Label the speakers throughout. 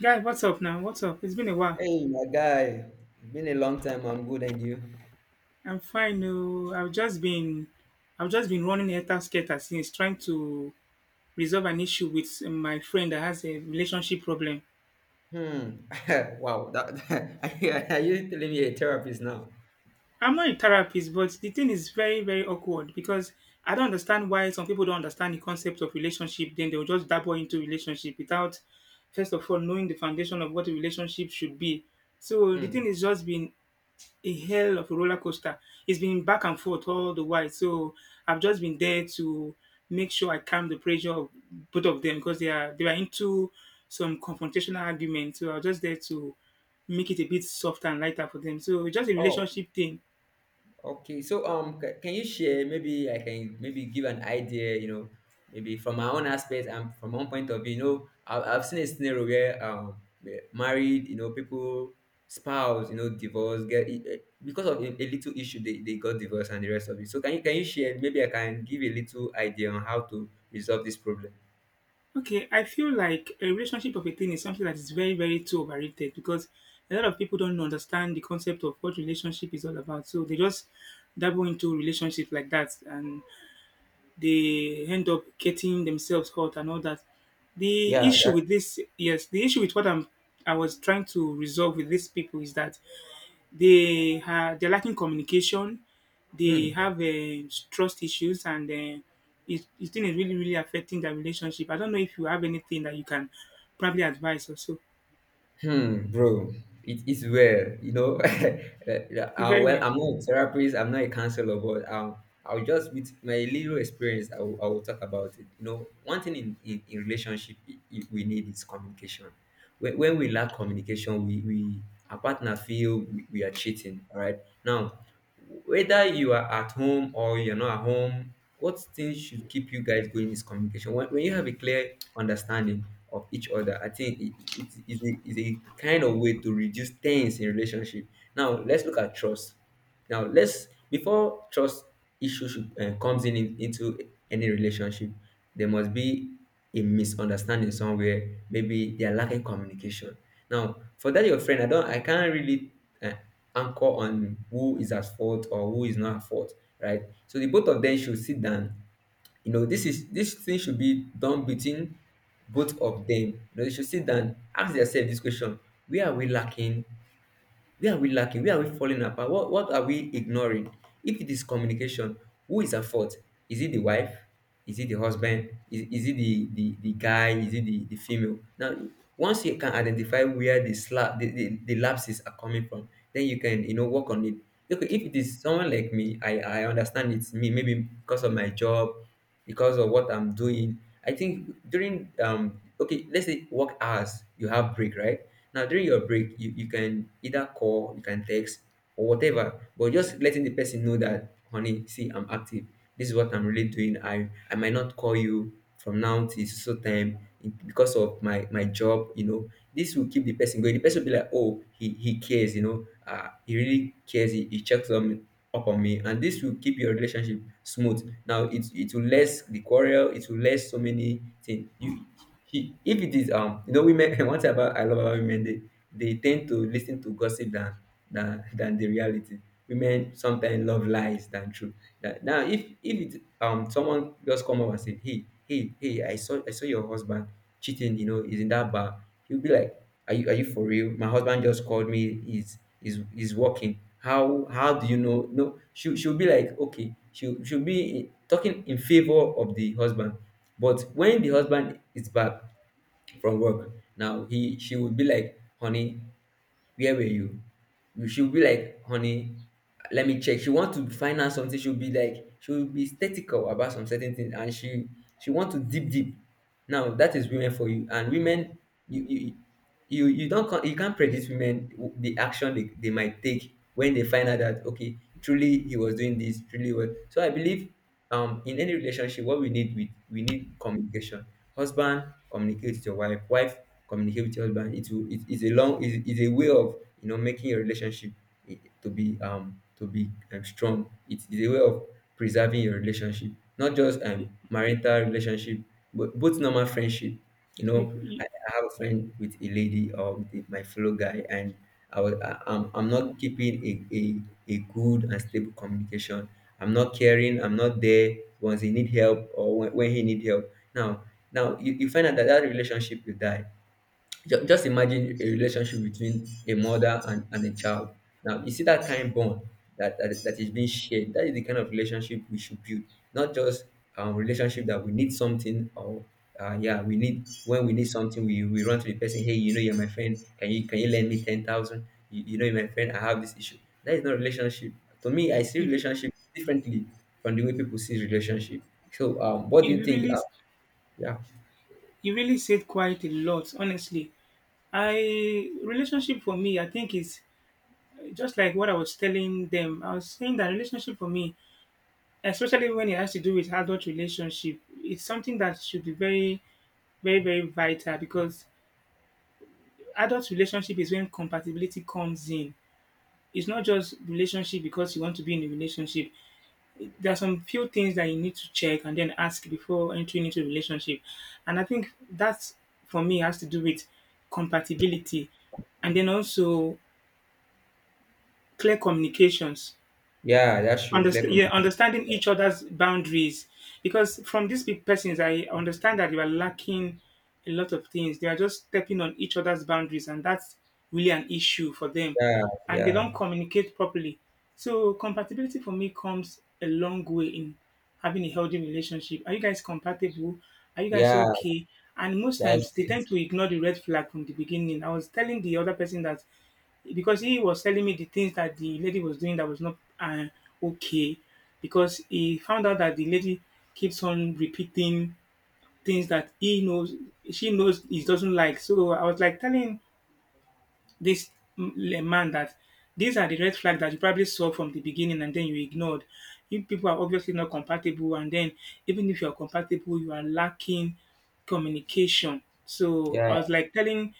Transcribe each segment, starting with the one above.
Speaker 1: Guy, what's up now? What's up? It's been a while.
Speaker 2: Hey, my guy, it's been a long time. I'm good, and you?
Speaker 1: I'm fine. No, I've just been running helter skelter since trying to resolve an issue with my friend that has a relationship problem.
Speaker 2: Hmm. Wow. That are you telling me a therapist now?
Speaker 1: I'm not a therapist, but the thing is very, very awkward because I don't understand why some people don't understand the concept of relationship. Then they'll just dabble into relationship without, first of all, knowing the foundation of what a relationship should be. So the
Speaker 2: Hmm.
Speaker 1: thing is just been a hell of a roller coaster. It's been back and forth all the while. So I've just been there to make sure I calm the pressure of both of them because they were into some confrontational argument. So I was just there to make it a bit softer and lighter for them. So it's just a
Speaker 2: Oh.
Speaker 1: relationship thing.
Speaker 2: Okay. So, can you share? Maybe I can maybe give an idea. Maybe from my own aspect and from my own point of view. I've seen a scenario where married, people, spouse, divorce, get because of a little issue they got divorced and the rest of it. So, can you share? Maybe I can give a little idea on how to resolve this problem.
Speaker 1: Okay, I feel like a relationship of a thing is something that is very, very too overrated because a lot of people don't understand the concept of what relationship is all about. So they just dabble into relationship like that and they end up getting themselves hurt and all that. The
Speaker 2: Yeah,
Speaker 1: issue
Speaker 2: that.
Speaker 1: with this, yes, the issue with what I'm, I was trying to resolve with these people is that they're lacking communication, they
Speaker 2: Hmm,
Speaker 1: have trust issues, and it it thing is really really affecting their relationship. I don't know if you have anything that you can probably advise or so.
Speaker 2: hmm, bro. It is well.
Speaker 1: Very
Speaker 2: Well,
Speaker 1: well.
Speaker 2: I'm not a therapist. I'm not a counselor, but I'll just with my little experience, I will talk about it. One thing in relationship we need is communication. When we lack communication, we our partner feel we are cheating. All right. Now, whether you are at home or you're not at home, what things should keep you guys going is communication. When you have a clear understanding of each other. I think it is a kind of way to reduce tense in relationship. Now let's look at trust. Now let's before trust issue should, comes in into any relationship, there must be a misunderstanding somewhere. Maybe they are lacking communication. Now for that your friend, I can't really uh, anchor on who is at fault or who is not at fault, right? So the both of them should sit down, this thing should be done between both of them. You should sit down, ask yourself this question: where are we lacking? Where are we lacking? Where are we falling apart? What are we ignoring? If it is communication, who is at fault? Is it the wife? Is it the husband? Is it the guy? Is it the female? Now, once you can identify where the lapses are coming from, then you can, work on it. Okay, if it is someone like me, I understand it's me, maybe because of my job, because of what I'm doing. I think during okay, let's say work hours, you have break, right? Now, during your break, you can either call, you can text, or whatever, but just letting the person know that, honey, see, I'm active. This is what I'm really doing. I might not call you from now till so time because of my job. This will keep the person going. The person will be like, oh, he cares. He really cares. He checks on up on me. And this will keep your relationship smooth. Now, it will less the quarrel. It will less so many things. You, he if it is women one thing about I love about women they tend to listen to gossip than the reality. Women sometimes love lies than truth. That. Now, if it someone just come up and say, hey, hey, hey, I saw your husband cheating. You know he's in that bar. He'll be like, are you for real? My husband just called me. He's is working. How do you know? No. She, she'll be like, okay. She, she'll be talking in favor of the husband. But when the husband is back from work, now he she would be like, honey, where were you? You, she'll be like, honey, let me check. She want to find out something. She'll be like, she'll be statical about some certain things, and she want to deep deep. Now that is women for you, and women, you you you don't con- you can't predict women, the action they might take when they find out that okay, truly he was doing this, truly well. So I believe in any relationship, what we need, we need communication. Husband, communicate with your wife. Wife, communicate with your husband. It will it is a long, is a way of, making your relationship, to be strong. It is a way of preserving your relationship, not just
Speaker 1: You
Speaker 2: marital relationship, but both normal friendship.
Speaker 1: you you,
Speaker 2: I have a friend with a lady or with my fellow guy, and I'm not keeping a good and stable communication. I'm not caring. I'm not there once he need help or when he need help. Now, you find out that that relationship will die. Just imagine a relationship between a mother and a child. Now you see that kind bond that is being shared. That is the kind of relationship we should build, not just relationship that we need something or yeah, we need when we need something we run to the person. Hey, you know you're my friend. Can you lend me 10,000? You know you're my friend. I have this issue. That is not relationship. To me, I see
Speaker 1: you,
Speaker 2: relationship differently from the way people see relationship. So, what do you
Speaker 1: you
Speaker 2: think?
Speaker 1: really
Speaker 2: Yeah.
Speaker 1: you really said quite a lot, honestly. I relationship for me, I think is just like what I was telling them, I was saying that relationship for me, especially when it has to do with adult relationship, it's something that should be very, very, very vital because adult relationship is when compatibility comes in. It's not just relationship because you want to be in a relationship. There are some few things that you need to check and then ask before entering into a relationship. And I think that for me has to do with compatibility and then also clear communications.
Speaker 2: Yeah, that's true. Clear
Speaker 1: Understand, yeah,
Speaker 2: communication.
Speaker 1: understanding each other's boundaries. Because from these big persons, I understand that they were lacking a lot of things. They are just stepping on each other's boundaries, and that's really an issue for them.
Speaker 2: Yeah,
Speaker 1: And they
Speaker 2: yeah,
Speaker 1: don't communicate properly. So compatibility for me comes a long way in having a healthy relationship. Are you guys compatible? Are you guys
Speaker 2: yeah.
Speaker 1: okay? And most
Speaker 2: That's
Speaker 1: times they
Speaker 2: it.
Speaker 1: tend to ignore the red flag from the beginning. I was telling the other person that because he was telling me the things that the lady was doing that was not okay because he found out that the lady keeps on repeating things that he knows she knows he doesn't like. So I was like telling this man that these are the red flags that you probably saw from the beginning and then you ignored. You people are obviously not compatible, and then even if you are compatible, you are lacking communication. So I
Speaker 2: Yeah,
Speaker 1: was like telling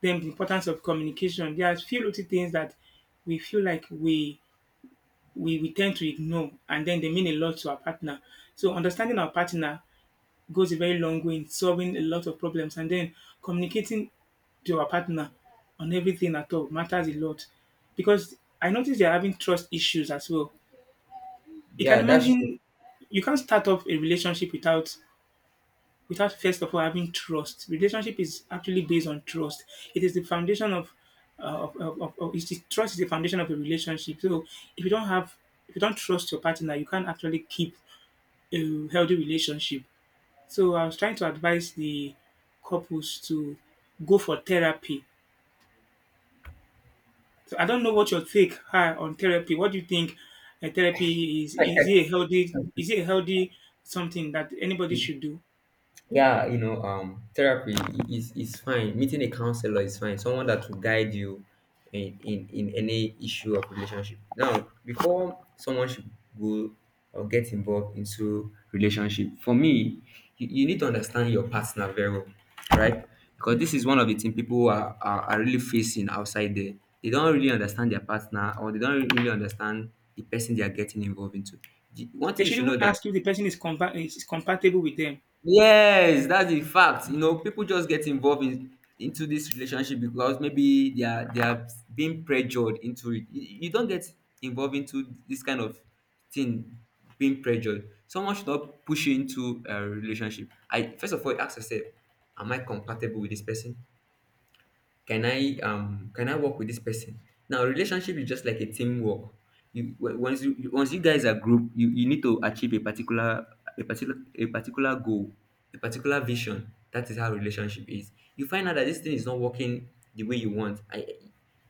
Speaker 1: them the importance of communication. There are few little things that we feel like we tend to ignore and then they mean a lot to our partner. So understanding our partner goes a very long way in solving a lot of problems. And then communicating to your partner on everything at all matters a lot because I noticed they're having trust issues as well. You can
Speaker 2: yeah. That's true.
Speaker 1: imagine you can't start off a relationship without first of all having trust. Relationship is actually based on trust. It is the foundation of trust is the foundation of a relationship. So if you don't have if you don't trust your partner, you can't actually keep a healthy relationship. So I was trying to advise the couples to go for therapy. So I don't know what your take are on therapy. What do you think therapy is? Is it a healthy? Is it a healthy something that anybody should do?
Speaker 2: Yeah. Therapy is fine. Meeting a counselor is fine. Someone that will guide you in any issue of relationship. Now before someone should go or get involved into relationship, for me, you need to understand your partner very well, right? Because this is one of the things people are really facing outside there. They don't really understand their partner or they don't really understand the person they are getting involved into. One
Speaker 1: They
Speaker 2: thing you
Speaker 1: should
Speaker 2: should know
Speaker 1: even
Speaker 2: that.
Speaker 1: ask you if the person is, is compatible with them.
Speaker 2: Yes, that's the fact. People just get involved in into this relationship because maybe they are being pressured into it. You don't get involved into this kind of thing being pressured. Someone should not push you into a relationship. I First of all, ask yourself, am I compatible with this person? Can i work with this person? Now relationship is just like a teamwork. You once once you guys are group, you need to achieve a particular goal, a particular vision. That is how relationship is. You find out that this thing is not working the way you want. I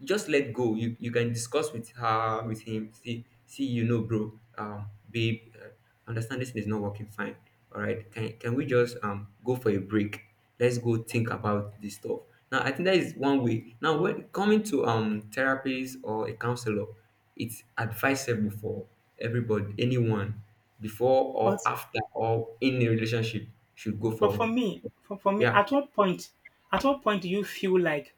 Speaker 2: just let go. You can discuss with her, with him. See see Bro, babe, understand this thing is not working fine. All right, can we just go for a break? Let's go think about this stuff. Now, I think that is one way. Now, when coming to therapist or a counselor, it's advisable for everybody, anyone, before or
Speaker 1: But
Speaker 2: after or in a relationship, should go
Speaker 1: but for
Speaker 2: for.
Speaker 1: me, for, for me,
Speaker 2: Yeah.
Speaker 1: at what point do you feel like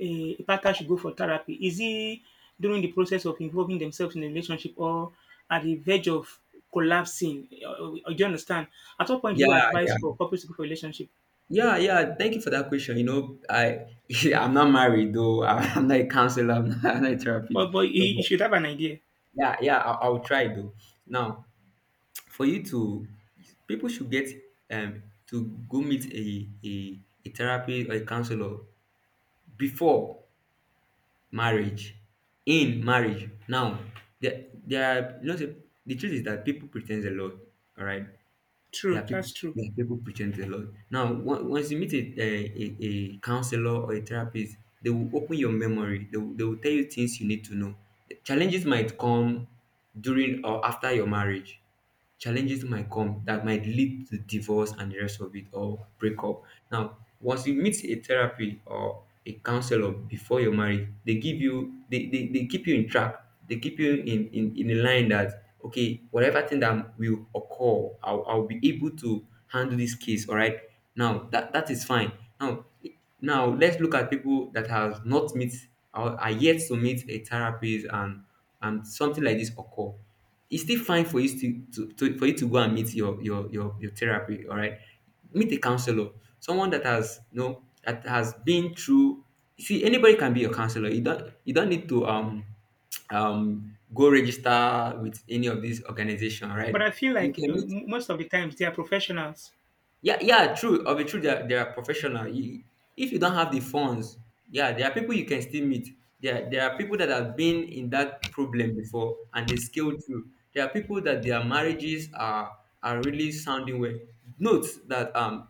Speaker 1: a partner should go for therapy? Is it during the process of involving themselves in a relationship or at the verge of collapsing? Or or do you understand? At what point do you
Speaker 2: Yeah,
Speaker 1: advise
Speaker 2: yeah,
Speaker 1: for couples to go for relationship?
Speaker 2: yeah, yeah. Thank you for that question. I I'm not married though. I'm not a counselor. I'm not, I'm not a therapist.
Speaker 1: But you
Speaker 2: So,
Speaker 1: you
Speaker 2: but
Speaker 1: should have an idea.
Speaker 2: yeah, yeah. I'll try though. Now, for you to people should get um to go meet a therapist or a counselor before marriage, in marriage. Now, there are, say the truth is that people pretend a lot. All right, there
Speaker 1: True,
Speaker 2: are people
Speaker 1: that's true.
Speaker 2: there are people pretend a lot. Now once you meet a counselor or a therapist, they will open your memory. They will tell you things you need to know. The challenges might come during or after your marriage. Challenges might come that might lead to divorce and the rest of it or breakup. Now, once you meet a therapy or a counselor before your marriage, they keep you in track, they keep you in a line that okay, whatever thing that will occur, I'll be able to handle this case, all right. Now that that is fine. Now now let's look at people that have not met or are yet to meet a therapist, and something like this occur. It's still fine for you to for you to go and meet your therapy. All right, meet a counselor, someone that has, that has been through. See, anybody can be your counselor. You don't you don't need to go register with any of these organization, right?
Speaker 1: But I feel
Speaker 2: You
Speaker 1: like
Speaker 2: can meet.
Speaker 1: most of the times they are professionals.
Speaker 2: Yeah, yeah, true. Of mean, true. They are professional. If you don't have the funds, yeah, there are people you can still meet. There are people that have been in that problem before and they scale through. There are people that their marriages are really sounding well. Note that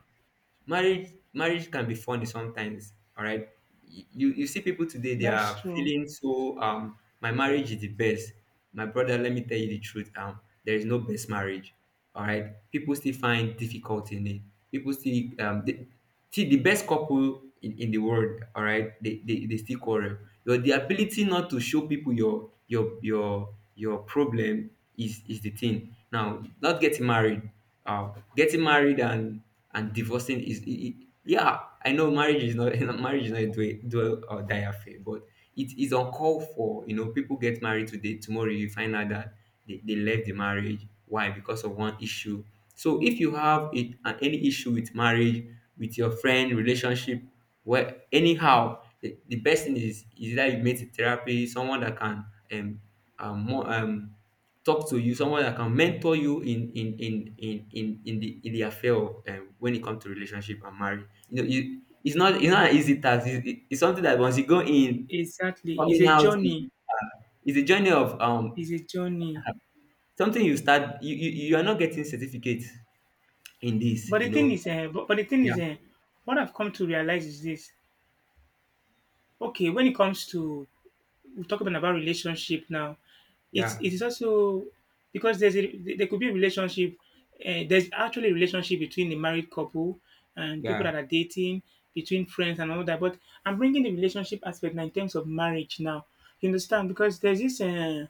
Speaker 2: marriage can be funny sometimes. All right, you see people today they
Speaker 1: That's
Speaker 2: are
Speaker 1: true.
Speaker 2: feeling so, my marriage is the best. My brother, let me tell you the truth. There is no best marriage, all right, people still find difficult in it, people still, um they, see the best couple in, the world, all right, they still quarrel. Your the ability not to show people your problem is the thing, now not getting married. uh Getting married and divorcing is yeah, I know marriage is not marriage is not a do or die affair, but it is uncalled for. You know, people get married today, tomorrow you find out that they left the marriage. Why? Because of one issue. So if you have it, and any issue with marriage, with your friend relationship, well, anyhow, the best thing is that you meet a therapy, someone that can um, more talk to you, someone that can mentor you in the affair of, when it comes to relationship and marriage. You know, you it's not an easy task. It's something that once you go in,
Speaker 1: Exactly. It's
Speaker 2: coming
Speaker 1: a journey.
Speaker 2: it's a journey of,
Speaker 1: It's a journey.
Speaker 2: something you start. You are not getting certificate in this,
Speaker 1: But
Speaker 2: you
Speaker 1: the thing
Speaker 2: know.
Speaker 1: is, uh, but, but the thing
Speaker 2: Yeah,
Speaker 1: is, what I've come to realize is this. Okay, when it comes to we're talking about relationship now. It
Speaker 2: yeah,
Speaker 1: it is also because there's a there could be a relationship. There's actually a relationship between a married couple and people
Speaker 2: yeah.
Speaker 1: that are dating, between friends and all that. But I'm bringing the relationship aspect now in terms of marriage now. You understand? Because there's this,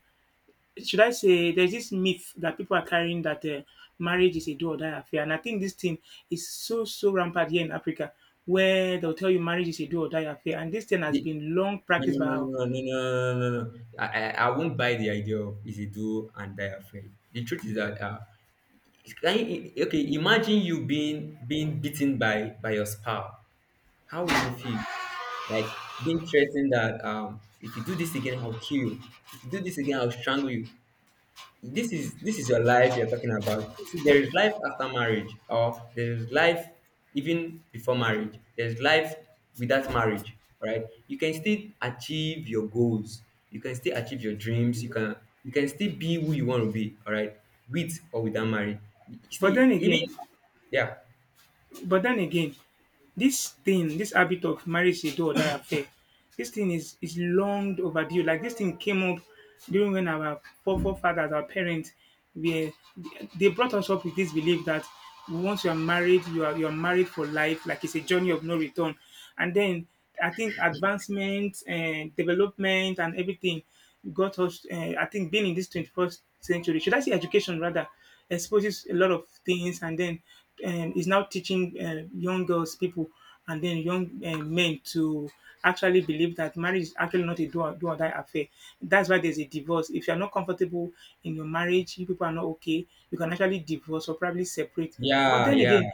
Speaker 1: should I say, there's this myth that people are carrying that marriage is a do or die affair. And I think this thing is so, so rampant here in Africa where they'll tell you marriage is a do or die affair. And this thing has
Speaker 2: The-
Speaker 1: been long
Speaker 2: no, no,
Speaker 1: practiced by
Speaker 2: no,
Speaker 1: our.
Speaker 2: no, no, no, no, no, no. I won't buy the idea of easy do and die afraid. The truth is that, can you, okay, imagine you being beaten by your spouse. How will you feel? Like being threatened that, um, if you do this again, I'll kill you. If you do this again, I'll strangle you. This is your life you're talking about. See, there is life after marriage, or there is life even before marriage. There's life without marriage, right? You can still achieve your goals. You can still achieve your dreams. You can still be who you want to be, all right, with or without marriage.
Speaker 1: But
Speaker 2: See,
Speaker 1: then
Speaker 2: even
Speaker 1: again,
Speaker 2: yeah.
Speaker 1: but then again, this thing, this habit of marriage is a do or die affair, this thing is long overdue. Like this thing came up during when our forefathers, our parents, were they brought us up with this belief that once you are married for life. Like it's a journey of no return. And then I think advancement and development and everything got us. I think being in this 21st century, should I say education rather, exposes a lot of things, and then is now teaching young girls, people, and then young men to actually believe that marriage is actually not a do or die affair. That's why there's a divorce. If you're not comfortable in your marriage, you people are not okay, you can actually divorce or probably separate. But
Speaker 2: Yeah,
Speaker 1: then
Speaker 2: yeah.
Speaker 1: again,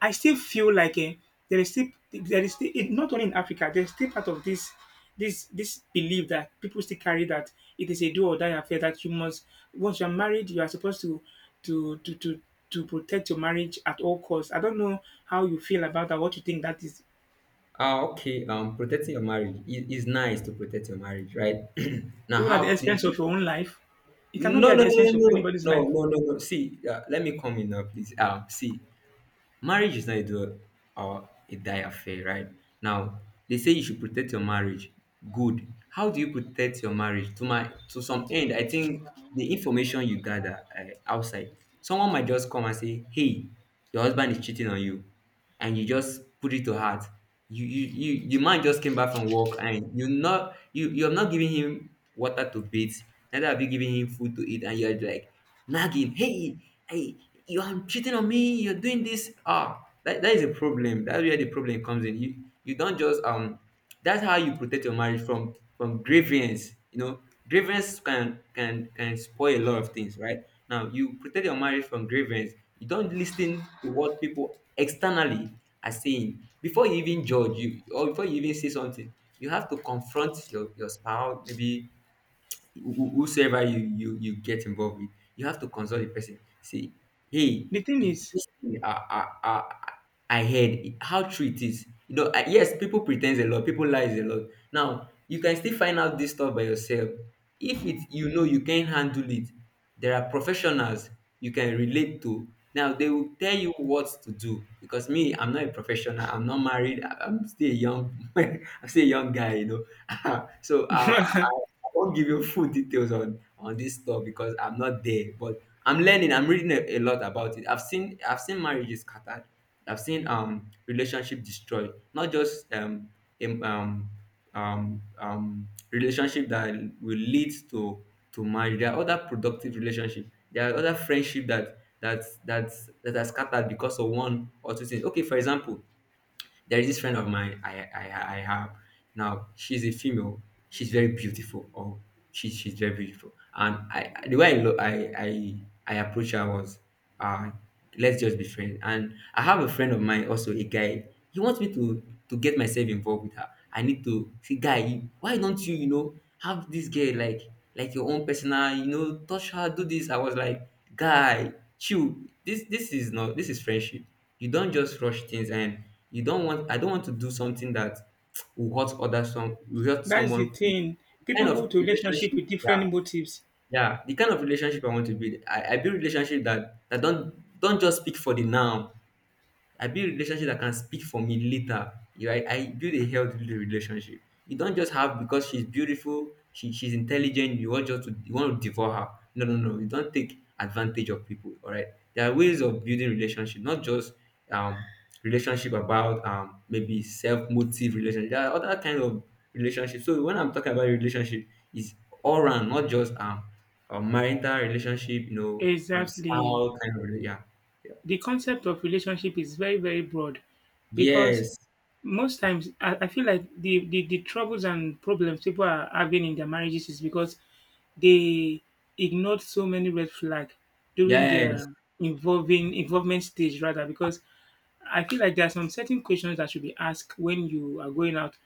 Speaker 1: I still feel like there is still it, not only in Africa there is still part of this this this belief that people still carry that it is a do or die affair that you must once you are married you are supposed to to to to to protect your marriage at all costs. I don't know how you feel about that. What you think that is,
Speaker 2: Ah, okay. Protecting your marriage is nice, to protect your marriage, right? Now,
Speaker 1: even at the
Speaker 2: how the
Speaker 1: expense of your own life, it cannot be
Speaker 2: No,
Speaker 1: at
Speaker 2: no, no,
Speaker 1: the expense of
Speaker 2: no,
Speaker 1: anybody's
Speaker 2: no, no, no,
Speaker 1: life.
Speaker 2: no, no. No. See, let me come in now, please. See, marriage is not a do or a die affair, right? Now they say you should protect your marriage. Good. How do you protect your marriage? To some end, I think the information you gather, outside, someone might just come and say, "Hey, your husband is cheating on you," and you just put it to heart. You you you The man just came back from work and you have not given him water to bathe, neither have you given him food to eat, and you're like nagging, "Hey, I you are cheating on me, you're doing this, ah that," that is a problem. That's where the problem comes in. You don't just, that's how you protect your marriage from grievance, you know. Grievance can can spoil a lot of things, right? Now you protect your marriage from grievance. You don't listen to what people externally are saying before you even judge you, or before you even say something. You have to confront your spouse, maybe whosoever you get involved with, you have to consult the person. Say, hey,
Speaker 1: The thing is,
Speaker 2: this thing I heard, how true it is. You know, I, yes, people pretend a lot, people lies a lot. Now you can still find out this stuff by yourself. If it, you know, you can handle it, there are professionals you can relate to. Now they will tell you what to do, because me, I'm not a professional. I'm not married. I'm still a young, I'm still a young guy, you know. So, I won't give you full details on this stuff because I'm not there. But I'm learning. I'm reading a lot about it. I've seen marriages scattered. I've seen, relationship destroyed. Not just im- um relationship that will lead to marriage. There are other productive relationship. There are other friendship that are scattered because of one or two things. Okay, for example, there is this friend of mine I have now. She's a female. She's very beautiful. Oh, she's very beautiful. And the way I look, I approached her was, uh, let's just be friends. And I have a friend of mine also, a guy. He wants me to get myself involved with her. I need to see, guy. Why don't you, you know, have this girl like your own personal, you know, touch her, do this. I was like, guy, chill. This is friendship. You don't just rush things and you don't want I don't want to do something that will hurt other some will hurt
Speaker 1: that's the
Speaker 2: someone. The
Speaker 1: thing.
Speaker 2: kind
Speaker 1: People go
Speaker 2: of
Speaker 1: to relationship
Speaker 2: relationship,
Speaker 1: with
Speaker 2: yeah,
Speaker 1: different motives.
Speaker 2: yeah. The kind of relationship I want to build. I build relationship that don't just speak for the now. I build relationship that can speak for me later. You right? I build a healthy relationship. You don't just have because she's beautiful, she's intelligent, you want just to, you want to devour her. No, no, no. You don't take advantage of people. All right. There are ways of building relationship, not just, um relationship about, maybe self-motive relationship. There are other kind of relationship. So when I'm talking about relationship, it's all around, not just, a marital relationship, you know,
Speaker 1: Exactly.
Speaker 2: style kind of, yeah. Yeah.
Speaker 1: The concept of relationship is very very broad because
Speaker 2: Yes,
Speaker 1: most times I feel like the troubles and problems people are having in their marriages is because they ignored so many red flags during
Speaker 2: yes,
Speaker 1: their involving involvement stage rather because I feel like there are some certain questions that should be asked when you are going out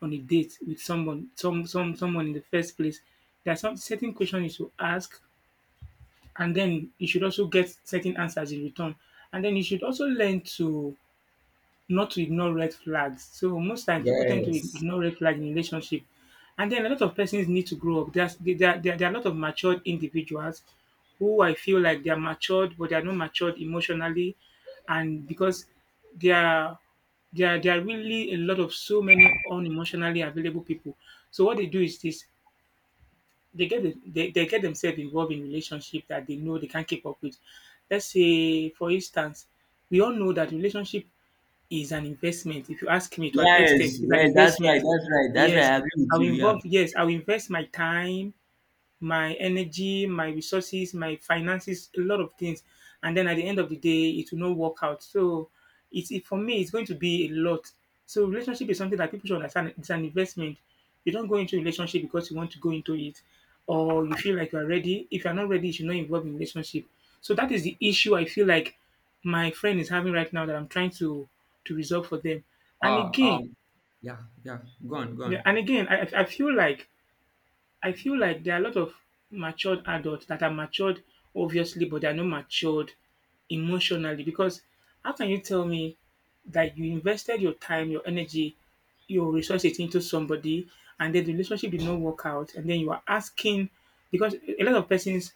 Speaker 1: on a date with someone, someone in the first place. There are some certain questions you should ask and then you should also get certain answers in return. And then you should also learn to not to ignore red flags. So most times people tend to
Speaker 2: yes,
Speaker 1: ignore red flags in relationship. And then a lot of persons need to grow up. There are a lot of matured individuals who I feel like they are matured, but they are not matured emotionally, and because there are there are really a lot of so many unemotionally available people. So what they do is this: they get themselves involved in relationship that they know they can't keep up with. Let's say, for instance, we all know that relationship is an investment. If you ask me, to an extent,
Speaker 2: yes,
Speaker 1: it's an
Speaker 2: yes. That's right.
Speaker 1: investment.
Speaker 2: That's right. That's right.
Speaker 1: Yes,
Speaker 2: I agree with
Speaker 1: I'll
Speaker 2: you. Yeah.
Speaker 1: involve. Yes, I'll invest my time my energy, my resources, my finances, a lot of things. And then at the end of the day, it will not work out. So it's it, for me, it's going to be a lot. So relationship is something that people should understand. It's an investment. You don't go into a relationship because you want to go into it, or you feel like you are ready. If you are not ready, you should not involve in relationship. So that is the issue I feel like my friend is having right now that I'm trying to resolve for them. And
Speaker 2: Uh,
Speaker 1: again,
Speaker 2: um. Yeah. Yeah. Go on. Go
Speaker 1: yeah,
Speaker 2: on.
Speaker 1: and again, I feel like I feel like there are a lot of matured adults that are matured obviously, but they are not matured emotionally. Because how can you tell me that you invested your time, your energy, your resources into somebody and then the relationship did not work out, and then you are asking? Because a lot of persons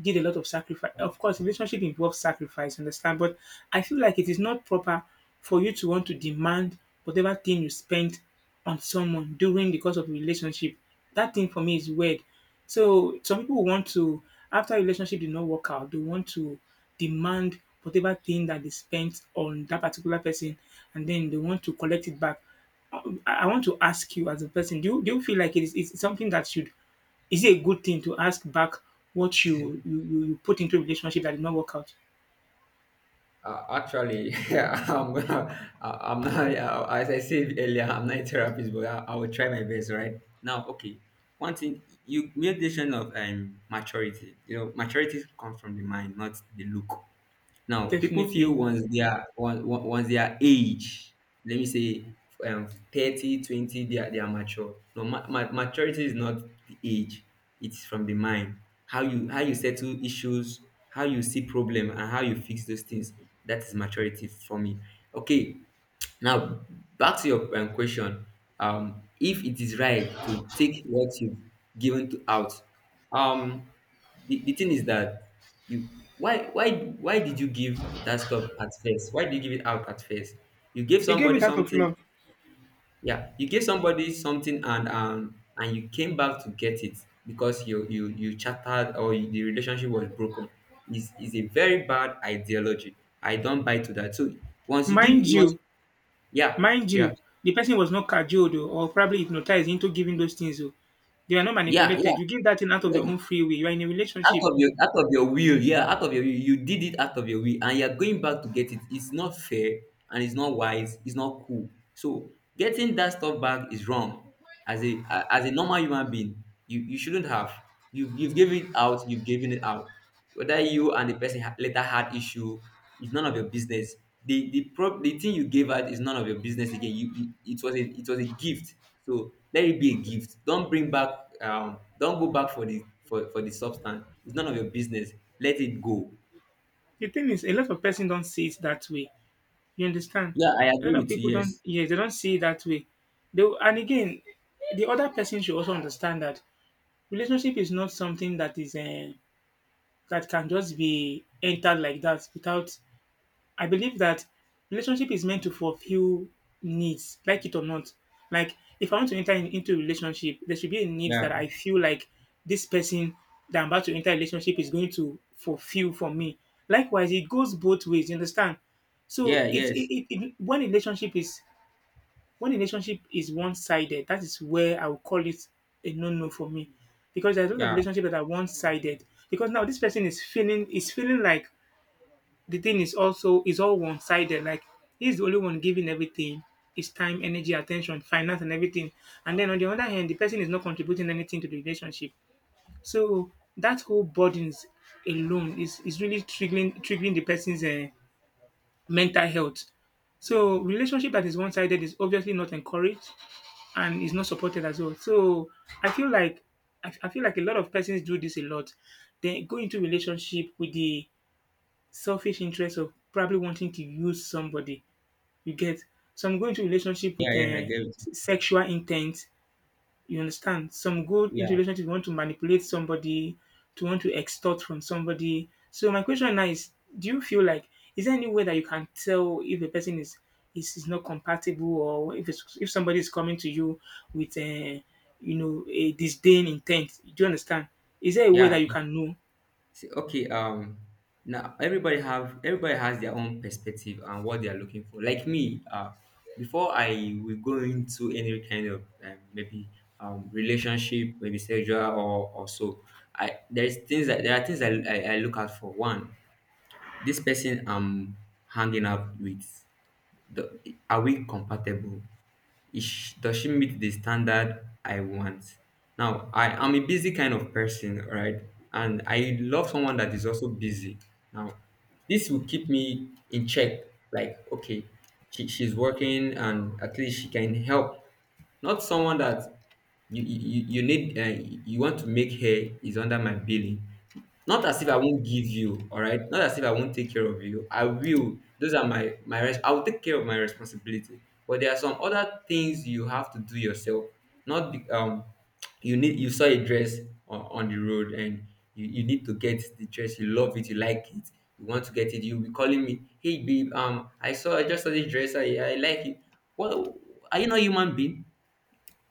Speaker 1: did a lot of sacrifice. Of course, relationship involves sacrifice, understand? But I feel like it is not proper for you to want to demand whatever thing you spent on someone during the course of a relationship. That thing for me is weird. So some people want to, after a relationship did not work out, they want to demand whatever thing that they spent on that particular person and then they want to collect it back. I want to ask you as a person, do you feel like it is it's something that should, is it a good thing to ask back what you put into a relationship that did not work out?
Speaker 2: Actually, yeah, I'm not, yeah, as I said earlier, I'm not a therapist, but I will try my best, right? Now, okay, one thing, you made mention of, maturity. You know, maturity comes from the mind, not the look. Now, people feel
Speaker 1: Definitely.
Speaker 2: once they are once they are age, let me say, um, 30, 20, they are mature. No, maturity is not the age; it's from the mind. How you settle issues, how you see problem, and how you fix those things. That is maturity for me. Okay, now back to your, question. If it is right to take what you've given to out, um, the, thing is that you, why why why did you give that stuff at first? Why did you give it out at first? You gave
Speaker 1: You gave
Speaker 2: somebody
Speaker 1: it out of
Speaker 2: something.
Speaker 1: love.
Speaker 2: Yeah, you gave somebody something, and, and you came back to get it because you chattered, the relationship was broken. Is a very bad ideology. I don't buy to that. So once you give,
Speaker 1: Mind
Speaker 2: you once
Speaker 1: you,
Speaker 2: yeah,
Speaker 1: mind
Speaker 2: yeah,
Speaker 1: you, the person was not cajoled, oh, or probably hypnotized into giving those things. Oh. They were not
Speaker 2: yeah, yeah,
Speaker 1: manipulated. You give that thing out of
Speaker 2: yeah.
Speaker 1: your own free will. You are in a
Speaker 2: Out
Speaker 1: relationship.
Speaker 2: of your, will, yeah, out of your will, you did it out of your will, and you're going back to get it. It's not fair, and it's not wise, it's not cool. So getting that stuff back is wrong. As a as a normal human being, you shouldn't have. You've given it out. You've given it out. Whether you and the person later had issue, it's none of your business. The pro the thing you gave out is none of your business again. You It was a, it was a gift. So let it be a gift. Don't bring back, don't go back for for the substance. It's none of your business. Let it go.
Speaker 1: The thing is, a lot of person don't see it that way. You understand?
Speaker 2: Yeah, I
Speaker 1: A lot
Speaker 2: agree
Speaker 1: of
Speaker 2: with
Speaker 1: people
Speaker 2: you.
Speaker 1: don't.
Speaker 2: Yes.
Speaker 1: Yes, they don't see it that way. They will- and again, the other person should also understand that relationship is not something that is. That can just be entered like that without, I believe that relationship is meant to fulfill needs, like it or not. Like if I want to enter in- into a relationship, there should be a need that
Speaker 2: Yeah,
Speaker 1: I feel like this person that I'm about to enter a relationship is going to fulfill for me. Likewise, it goes both ways, you understand? So
Speaker 2: yeah,
Speaker 1: it's it,
Speaker 2: yes,
Speaker 1: it, it when a relationship is, when a relationship is one-sided, that is where I would call it a no-no for me. Because there's a lot of
Speaker 2: yeah,
Speaker 1: relationships that are one-sided. Because now this person is feeling, is feeling like the thing is also is all one-sided. Like he's the only one giving everything, his time, energy, attention, finance, and everything. And then on the other hand, the person is not contributing anything to the relationship. So that whole burdens alone is really triggering the person's mental health. So relationship that is one-sided is obviously not encouraged and it's not supported as well. So I feel like I feel like a lot of persons do this a lot. They go into relationship with the selfish interest of probably wanting to use somebody. You get, some go into relationship
Speaker 2: yeah,
Speaker 1: with
Speaker 2: yeah, I
Speaker 1: a
Speaker 2: agree with you.
Speaker 1: sexual intent, you understand? Some go into
Speaker 2: Yeah,
Speaker 1: relationship, want to manipulate somebody, to want to extort from somebody. So my question now is, do you feel like is there any way that you can tell if a person is not compatible, or if it's, if somebody is coming to you with a, you know, a disdain intent? Do you understand? Is there a way
Speaker 2: yeah.
Speaker 1: that you can know?
Speaker 2: See, okay, now everybody have, everybody has their own perspective and what they are looking for. Like me, before I will go into any kind of, maybe relationship, maybe sexual or so, I there's things that there are things I look out for. One, this person I'm hanging out with, the, are we compatible? Is she, does she meet the standard I want? Now, I am a busy kind of person, right? And I love someone that is also busy. Now, this will keep me in check. Like, okay, she's working and at least she can help. Not someone that you need, you want to make her is under my billing, not as if I won't give you, all right? Not as if I won't take care of you. I will. Those are I will take care of my responsibility. But there are some other things you have to do yourself. Not be, you need you saw a dress on the road and you need to get the dress. You love it. You like it. You want to get it. You'll be calling me, hey babe. I just saw this dress. I like it. What, are you not a human being?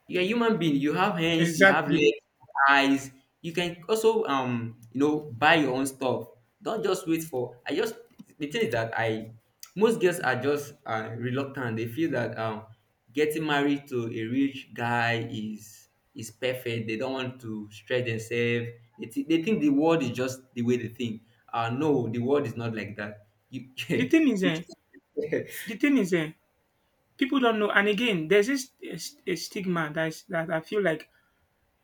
Speaker 2: You're a human being, you have hands, you have
Speaker 1: Exactly.
Speaker 2: legs, eyes. You can also buy your own stuff. Don't just wait for, I just, the thing is that I, most girls are just reluctant. They feel that getting married to a rich guy is perfect. They don't want to stretch themselves. They think the world is just the way they think. No, the world is not like that, you
Speaker 1: The thing is, eh,
Speaker 2: the,
Speaker 1: the thing is, eh, people don't know. And again, there's this eh, a stigma that is, that I feel like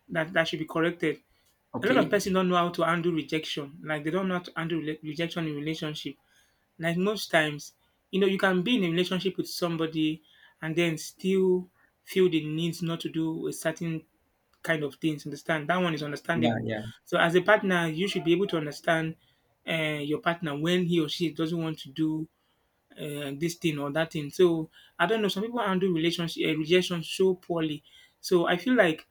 Speaker 1: that that should be corrected. A lot of
Speaker 2: okay.
Speaker 1: person don't know how to handle rejection. Like they don't know how to handle rela- rejection in relationship. Like most times, you know, you can be in a relationship with somebody and then still feel the need not to do a certain kind of things. Understand? That one is
Speaker 2: Yeah,
Speaker 1: understandable.
Speaker 2: yeah.
Speaker 1: So as a partner, you should be able to understand your partner when he or she doesn't want to do this thing or that thing. So I don't know. Some people handle relationship rejection so poorly. So I feel like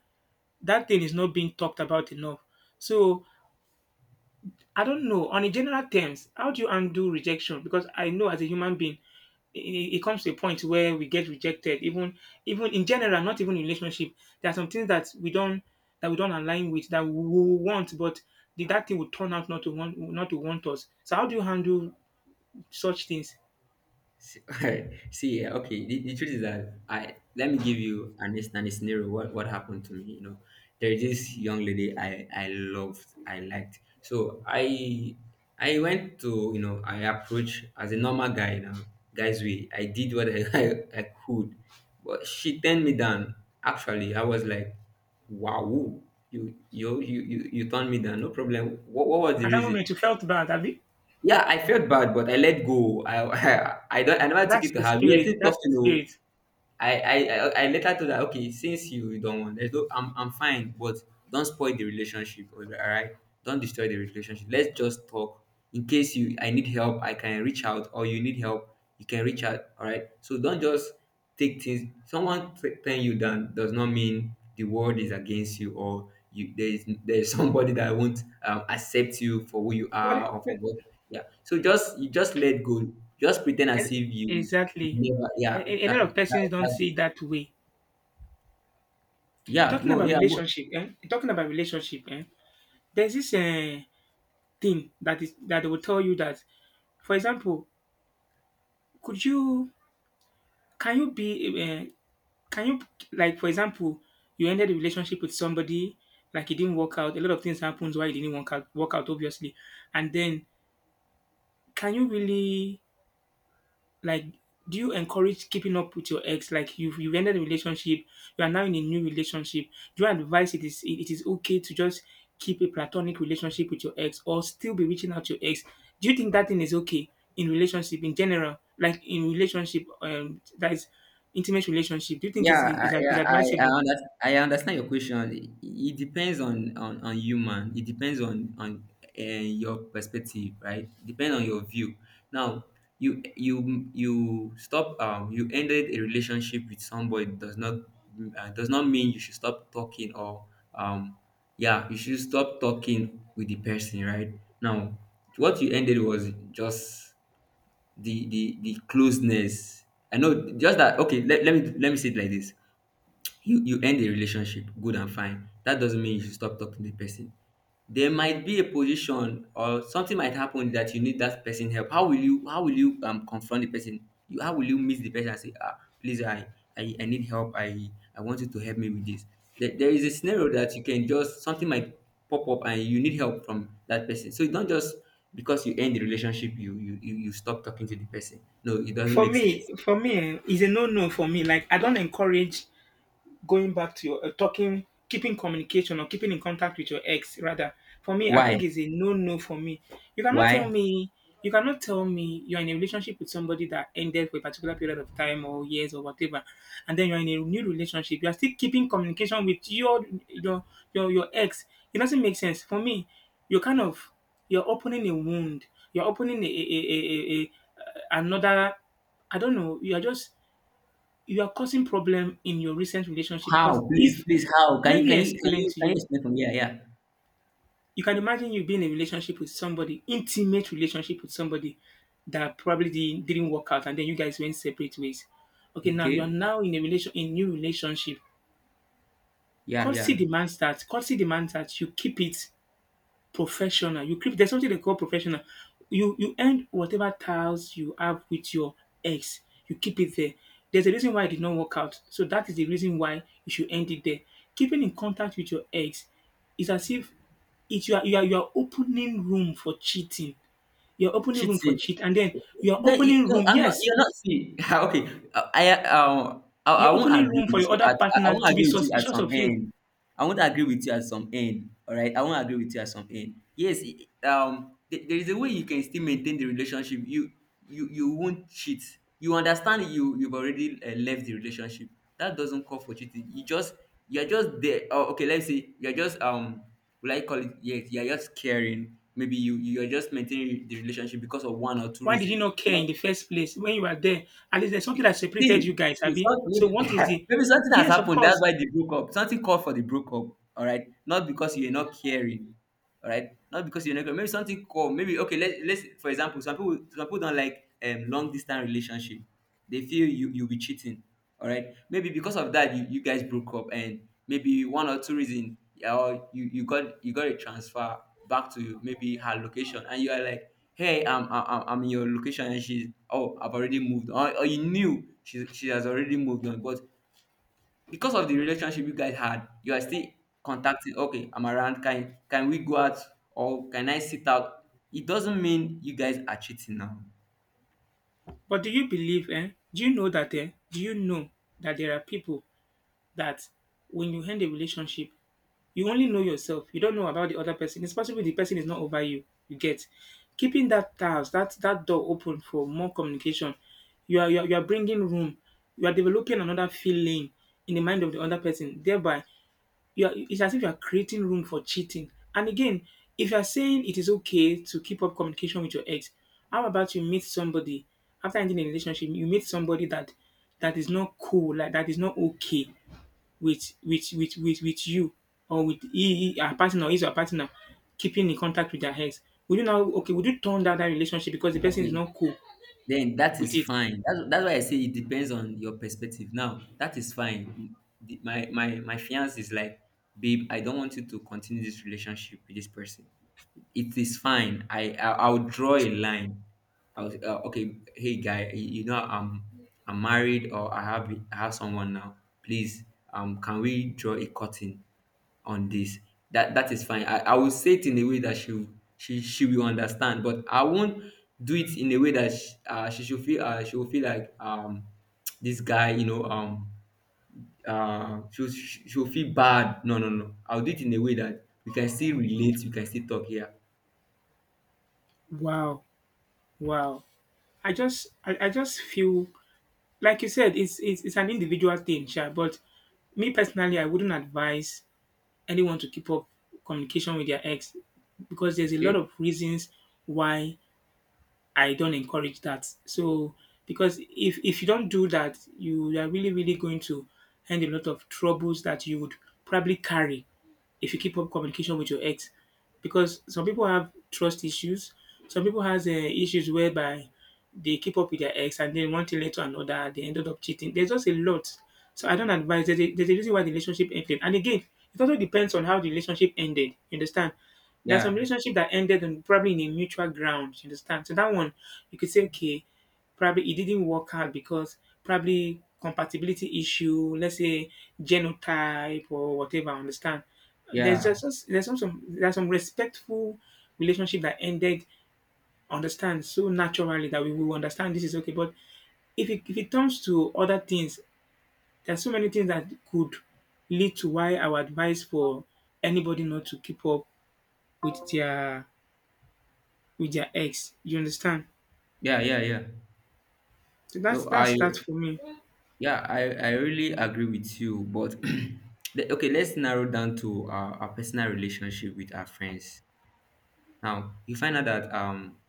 Speaker 1: that thing is not being talked about enough. So I don't know. On a general terms, how do you undo rejection? Because I know as a human being, it comes to a point where we get rejected. Even even in general, not even in relationship, there are some things that we don't, that we don't align with that we want, but the, that thing would turn out not to want, not to want us. So how do you handle such things?
Speaker 2: See, see, yeah, okay. The truth is that I, let me give you an instant scenario. What happened to me? You know, there is this young lady I loved, I liked. So I went to, you know, I approached as a normal guy now, guys. We, I did what I, I could, but she turned me down. Actually, I was like, wow, you turned me down. No problem. What was the
Speaker 1: At that
Speaker 2: reason?
Speaker 1: moment, you felt bad, have you?
Speaker 2: Yeah, I felt bad, but I let go. I I, don't. I never took
Speaker 1: That's
Speaker 2: it to
Speaker 1: the
Speaker 2: her. We are
Speaker 1: spirit.
Speaker 2: still
Speaker 1: That's the
Speaker 2: talking. Oh,
Speaker 1: spirit.
Speaker 2: I later told her, okay, since you don't want, there's no, I'm fine, but don't spoil the relationship. All right, don't destroy the relationship. Let's just talk. In case you, I need help, I can reach out, or you need help, you can reach out. All right. So don't just take things. Someone turn you down does not mean the world is against you, or you, there is somebody that won't accept you for who you
Speaker 1: What
Speaker 2: are
Speaker 1: it-
Speaker 2: or for what. Yeah. So just, you just let go. Just pretend as if
Speaker 1: e-
Speaker 2: you
Speaker 1: exactly?
Speaker 2: never. Yeah.
Speaker 1: A lot
Speaker 2: That,
Speaker 1: of persons don't
Speaker 2: that
Speaker 1: see it that way.
Speaker 2: yeah,
Speaker 1: Talking
Speaker 2: mo
Speaker 1: about
Speaker 2: yeah, mo
Speaker 1: relationship, eh? Talking about relationship, eh? There's this thing that is that they will tell you that, for example, could you, can you be, uh, can you, like for example, you ended a relationship with somebody, like it didn't work out. A lot of things happens why it didn't work out, work out obviously. And then, can you really, like, do you encourage keeping up with your ex? Like you've ended a relationship, you are now in a new relationship. Do you advise it is, it is okay to just keep a platonic relationship with your ex or still be reaching out to your ex? Do you think that thing is okay in relationship in general? Like in relationship, that is intimate relationship. Do you think
Speaker 2: yeah, I,
Speaker 1: is
Speaker 2: yeah,
Speaker 1: advisable?
Speaker 2: I understand your question. It depends on human. It depends on your perspective, right? Depend on your view. Now, you stop. You ended a relationship with somebody does not mean you should stop talking or um, yeah, you should stop talking with the person, right? Now, what you ended was just the closeness. I know, just that, okay, let me say it like this. You end a relationship, good and fine, that doesn't mean you should stop talking to the person. There might be a position or something might happen that you need that person help. How will you confront the person? You, how will you meet the person and say, ah, please, I need help. I want you to help me with this. There is a scenario that you can just, something might pop up and you need help from that person. So you don't just, because you end the relationship, you stop talking to the person. No, it doesn't make sense.
Speaker 1: For me, eh, it's a no no for me. Like I don't encourage going back to your, talking, keeping communication or keeping in contact with your ex, rather, for me, I think
Speaker 2: Why?
Speaker 1: is a no-no for me. You cannot
Speaker 2: Why?
Speaker 1: tell me, you cannot tell me you're in a relationship with somebody that ended for a particular period of time or years or whatever, and then you're in a new relationship. You are still keeping communication with your ex. It doesn't make sense for me. You're kind of, you're opening a wound. You're opening a- another. I don't know. You are just, you are causing problem in your recent relationship
Speaker 2: How,
Speaker 1: because
Speaker 2: please,
Speaker 1: if,
Speaker 2: please, how can
Speaker 1: let me explain to
Speaker 2: you
Speaker 1: you.
Speaker 2: explain from, yeah, yeah.
Speaker 1: You can imagine you being in a relationship with somebody, intimate relationship with somebody that probably di- didn't work out, and then you guys went separate ways. Okay, now you are
Speaker 2: Okay.
Speaker 1: now in a relation in new relationship.
Speaker 2: Yeah, yeah.
Speaker 1: Courtesy demands that, courtesy demands that you keep it professional. You creep. There's something they call professional. You end whatever tiles you have with your ex. You keep it there. There's a reason why it did not work out. So that is the reason why you should end it there. Keeping in contact with your ex is as if it, you are opening room for cheating. You're opening room for
Speaker 2: Cheating.
Speaker 1: cheat, and then you're
Speaker 2: Then you,
Speaker 1: opening
Speaker 2: no,
Speaker 1: room.
Speaker 2: I'm not.
Speaker 1: Yes,
Speaker 2: You're not, see. okay, I I
Speaker 1: you're
Speaker 2: won't
Speaker 1: opening
Speaker 2: agree
Speaker 1: room for
Speaker 2: with
Speaker 1: your
Speaker 2: you.
Speaker 1: other
Speaker 2: At, I
Speaker 1: partner
Speaker 2: won't
Speaker 1: to be
Speaker 2: agree with you at
Speaker 1: suspicious
Speaker 2: some
Speaker 1: of you.
Speaker 2: end. I won't agree with you at some end. All right, I won't agree with you at some end. Yes, there is a way you can still maintain the relationship. You, you won't cheat. You understand, you, you've already left the relationship. That doesn't call for cheating. You just, you're just there. Oh, okay, let's say you're just will I call it? Yes, you're just caring. Maybe you, you are just maintaining the relationship because of one or two
Speaker 1: Why did you
Speaker 2: reasons.
Speaker 1: not care
Speaker 2: But
Speaker 1: in the first place when you were there? At least there's
Speaker 2: see,
Speaker 1: something that separated
Speaker 2: see,
Speaker 1: you guys, Abby.
Speaker 2: something,
Speaker 1: So what is the,
Speaker 2: maybe something has
Speaker 1: yes, of
Speaker 2: happened. That's
Speaker 1: course.
Speaker 2: why they broke up. Something called for the breakup. All right, not because you're not caring. All right, not because you're not caring. Maybe something called. Maybe okay. Let's for example, some people don't like long distance relationship. They feel you, you'll be cheating. All right, maybe because of that you guys broke up and maybe one or two reasons. Or you you got a transfer back to maybe her location and you are like, hey, I'm I- am I I'm in your location, and she's, oh, I've already moved on. Or you knew she has already moved on, but because of the relationship you guys had, you are still contacting. Okay, I'm around. Can we go out or can I sit out? It doesn't mean you guys are cheating now.
Speaker 1: But do you believe, eh? Do you know that, eh? Do you know that there are people that when you end a relationship, you only know yourself. You don't know about the other person. It's possible the person is not over you. You get, keeping that house, that that door open for more communication. You are bringing room. You are developing another feeling in the mind of the other person. Thereby, you are, it's as if you are creating room for cheating. And again, if you are saying it is okay to keep up communication with your ex, how about you meet somebody after ending a relationship? You meet somebody that that is not cool, like that is not okay with you, or with he, her partner, or his or her partner, keeping in contact with their ex. Would you now, okay, would you turn down that relationship because the person is
Speaker 2: Okay,
Speaker 1: not cool
Speaker 2: then that
Speaker 1: with
Speaker 2: is
Speaker 1: it?
Speaker 2: fine. That's why I say it depends on your perspective. Now that is fine. My fiance is like, babe, I don't want you to continue this relationship with this person. It is fine. I, I'll draw a line. I'll okay, hey guy, you know I'm married, or I have, someone now. Please, can we draw a curtain on this? That that is fine. I will say it in a way that she will understand, but I won't do it in a way that she should feel, she will feel like, this guy, you know, she'll feel bad. No, no, no. I'll do it in a way that we can still relate. We can still talk here.
Speaker 1: Wow, wow. I just I just feel like you said, it's an individual thing, sure. But me personally, I wouldn't advise anyone to keep up communication with their ex because there's a lot
Speaker 2: Okay.
Speaker 1: of reasons why I don't encourage that. So because if you don't do that, you are really really going to end a lot of troubles that you would probably carry if you keep up communication with your ex. Because some people have trust issues. Some people has issues whereby they keep up with their ex and then one thing led to another. They ended up cheating. There's just a lot. So I don't advise. There's a reason why the relationship ended. And again, it also depends on how the relationship ended. You understand? There's
Speaker 2: Yeah,
Speaker 1: some relationship that ended on probably in a mutual ground. You understand? So that one, you could say, okay, probably it didn't work out because probably compatibility issue, let's say genotype or whatever. Understand? There's
Speaker 2: yeah,
Speaker 1: just- there's some, there's some respectful relationship that ended. Understand, so naturally that we will understand this is okay. But if it comes to other things, there's so many things that could lead to why I would advise for anybody not to keep up with their, with their ex. You understand?
Speaker 2: yeah, yeah, yeah.
Speaker 1: So
Speaker 2: So
Speaker 1: that's
Speaker 2: I,
Speaker 1: that for me.
Speaker 2: yeah, I really agree with you. But okay, let's narrow down to our personal relationship with our friends. Now you find out that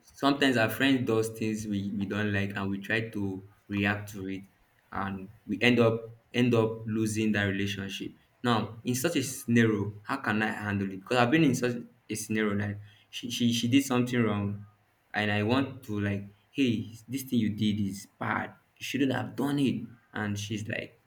Speaker 2: sometimes our friend does things we don't like and we try to react to it, and we end up losing that relationship. Now in such a scenario, how can I handle it? Because I've been in such a scenario. Like, she did something wrong and I want to, like, hey, this thing you did is bad, you shouldn't have done it, and she's like,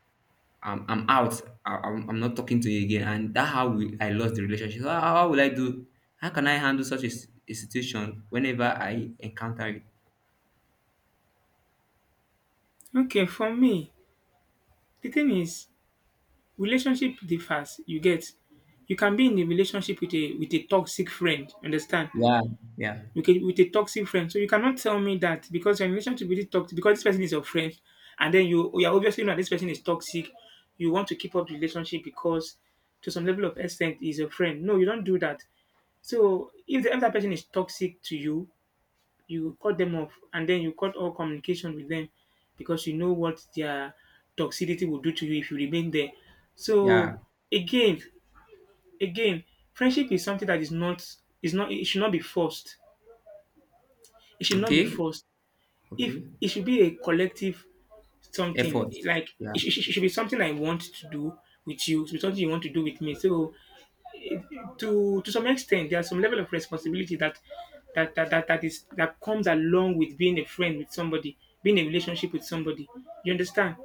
Speaker 2: I'm out. I'm not talking to you again. And that's how we, I lost the relationship. So how will I do? How can I handle such a, a situation whenever I encounter it?
Speaker 1: Okay, for me, the thing is relationship differs. You get, you can be in a relationship with a, with a toxic friend, understand?
Speaker 2: Yeah, yeah,
Speaker 1: With a toxic friend. So you cannot tell me that because your relationship with this toxic, because this person is your friend and then you are obviously know this person is toxic, you want to keep up the relationship because to some level of extent is a friend. No, you don't do that. So if, the, if that person is toxic to you, you cut them off and then you cut all communication with them because you know what their toxicity will do to you if you remain there. So
Speaker 2: yeah.
Speaker 1: again, again, friendship is something that is not, is not, it should not be forced. It should not be
Speaker 2: Okay,
Speaker 1: forced. If
Speaker 2: okay.
Speaker 1: it should be a collective something,
Speaker 2: Effort.
Speaker 1: like
Speaker 2: Yeah,
Speaker 1: it, should- it should, it should be something I want to do with you. It should be something you want to do with me. So it-, to some extent there's some level of responsibility that that that, that, that is that comes along with being a friend with somebody, being in a relationship with somebody, you understand?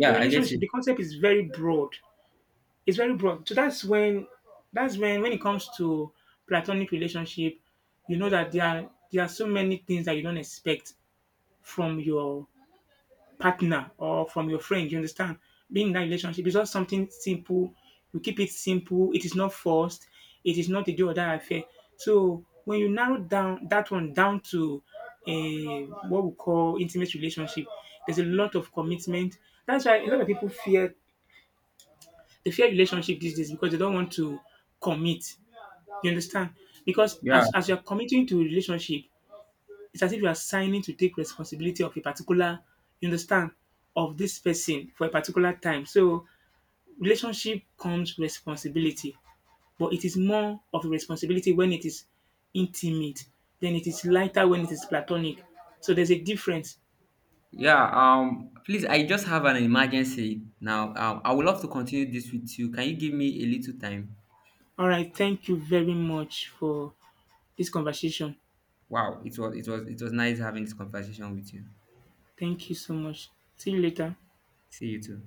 Speaker 1: So
Speaker 2: I get
Speaker 1: relationship,
Speaker 2: it.
Speaker 1: the concept is very broad. It's very broad. So that's when, that's when it comes to platonic relationship, you know that there are so many things that you don't expect from your partner or from your friend. You understand? Being in that relationship is just something simple. You keep it simple. It is not forced. It is not a do or die affair. So when you narrow down that one down to a what we call intimate relationship, there's a lot of commitment. That's why a lot of people fear, they fear relationship these days because they don't want to commit. You understand? Because
Speaker 2: Yeah,
Speaker 1: as you're committing to a relationship, it's as if you are signing to take responsibility of a particular, you understand, of this person for a particular time. So relationship comes responsibility, but it is more of a responsibility when it is intimate. Then it is lighter when it is platonic. So there's a difference.
Speaker 2: yeah. Please, I just have an emergency now. I would love to continue this with you. Can you give me a little time?
Speaker 1: All right. Thank you very much for this conversation.
Speaker 2: Wow, it was nice having this conversation with you.
Speaker 1: Thank you so much. See you later.
Speaker 2: See you too.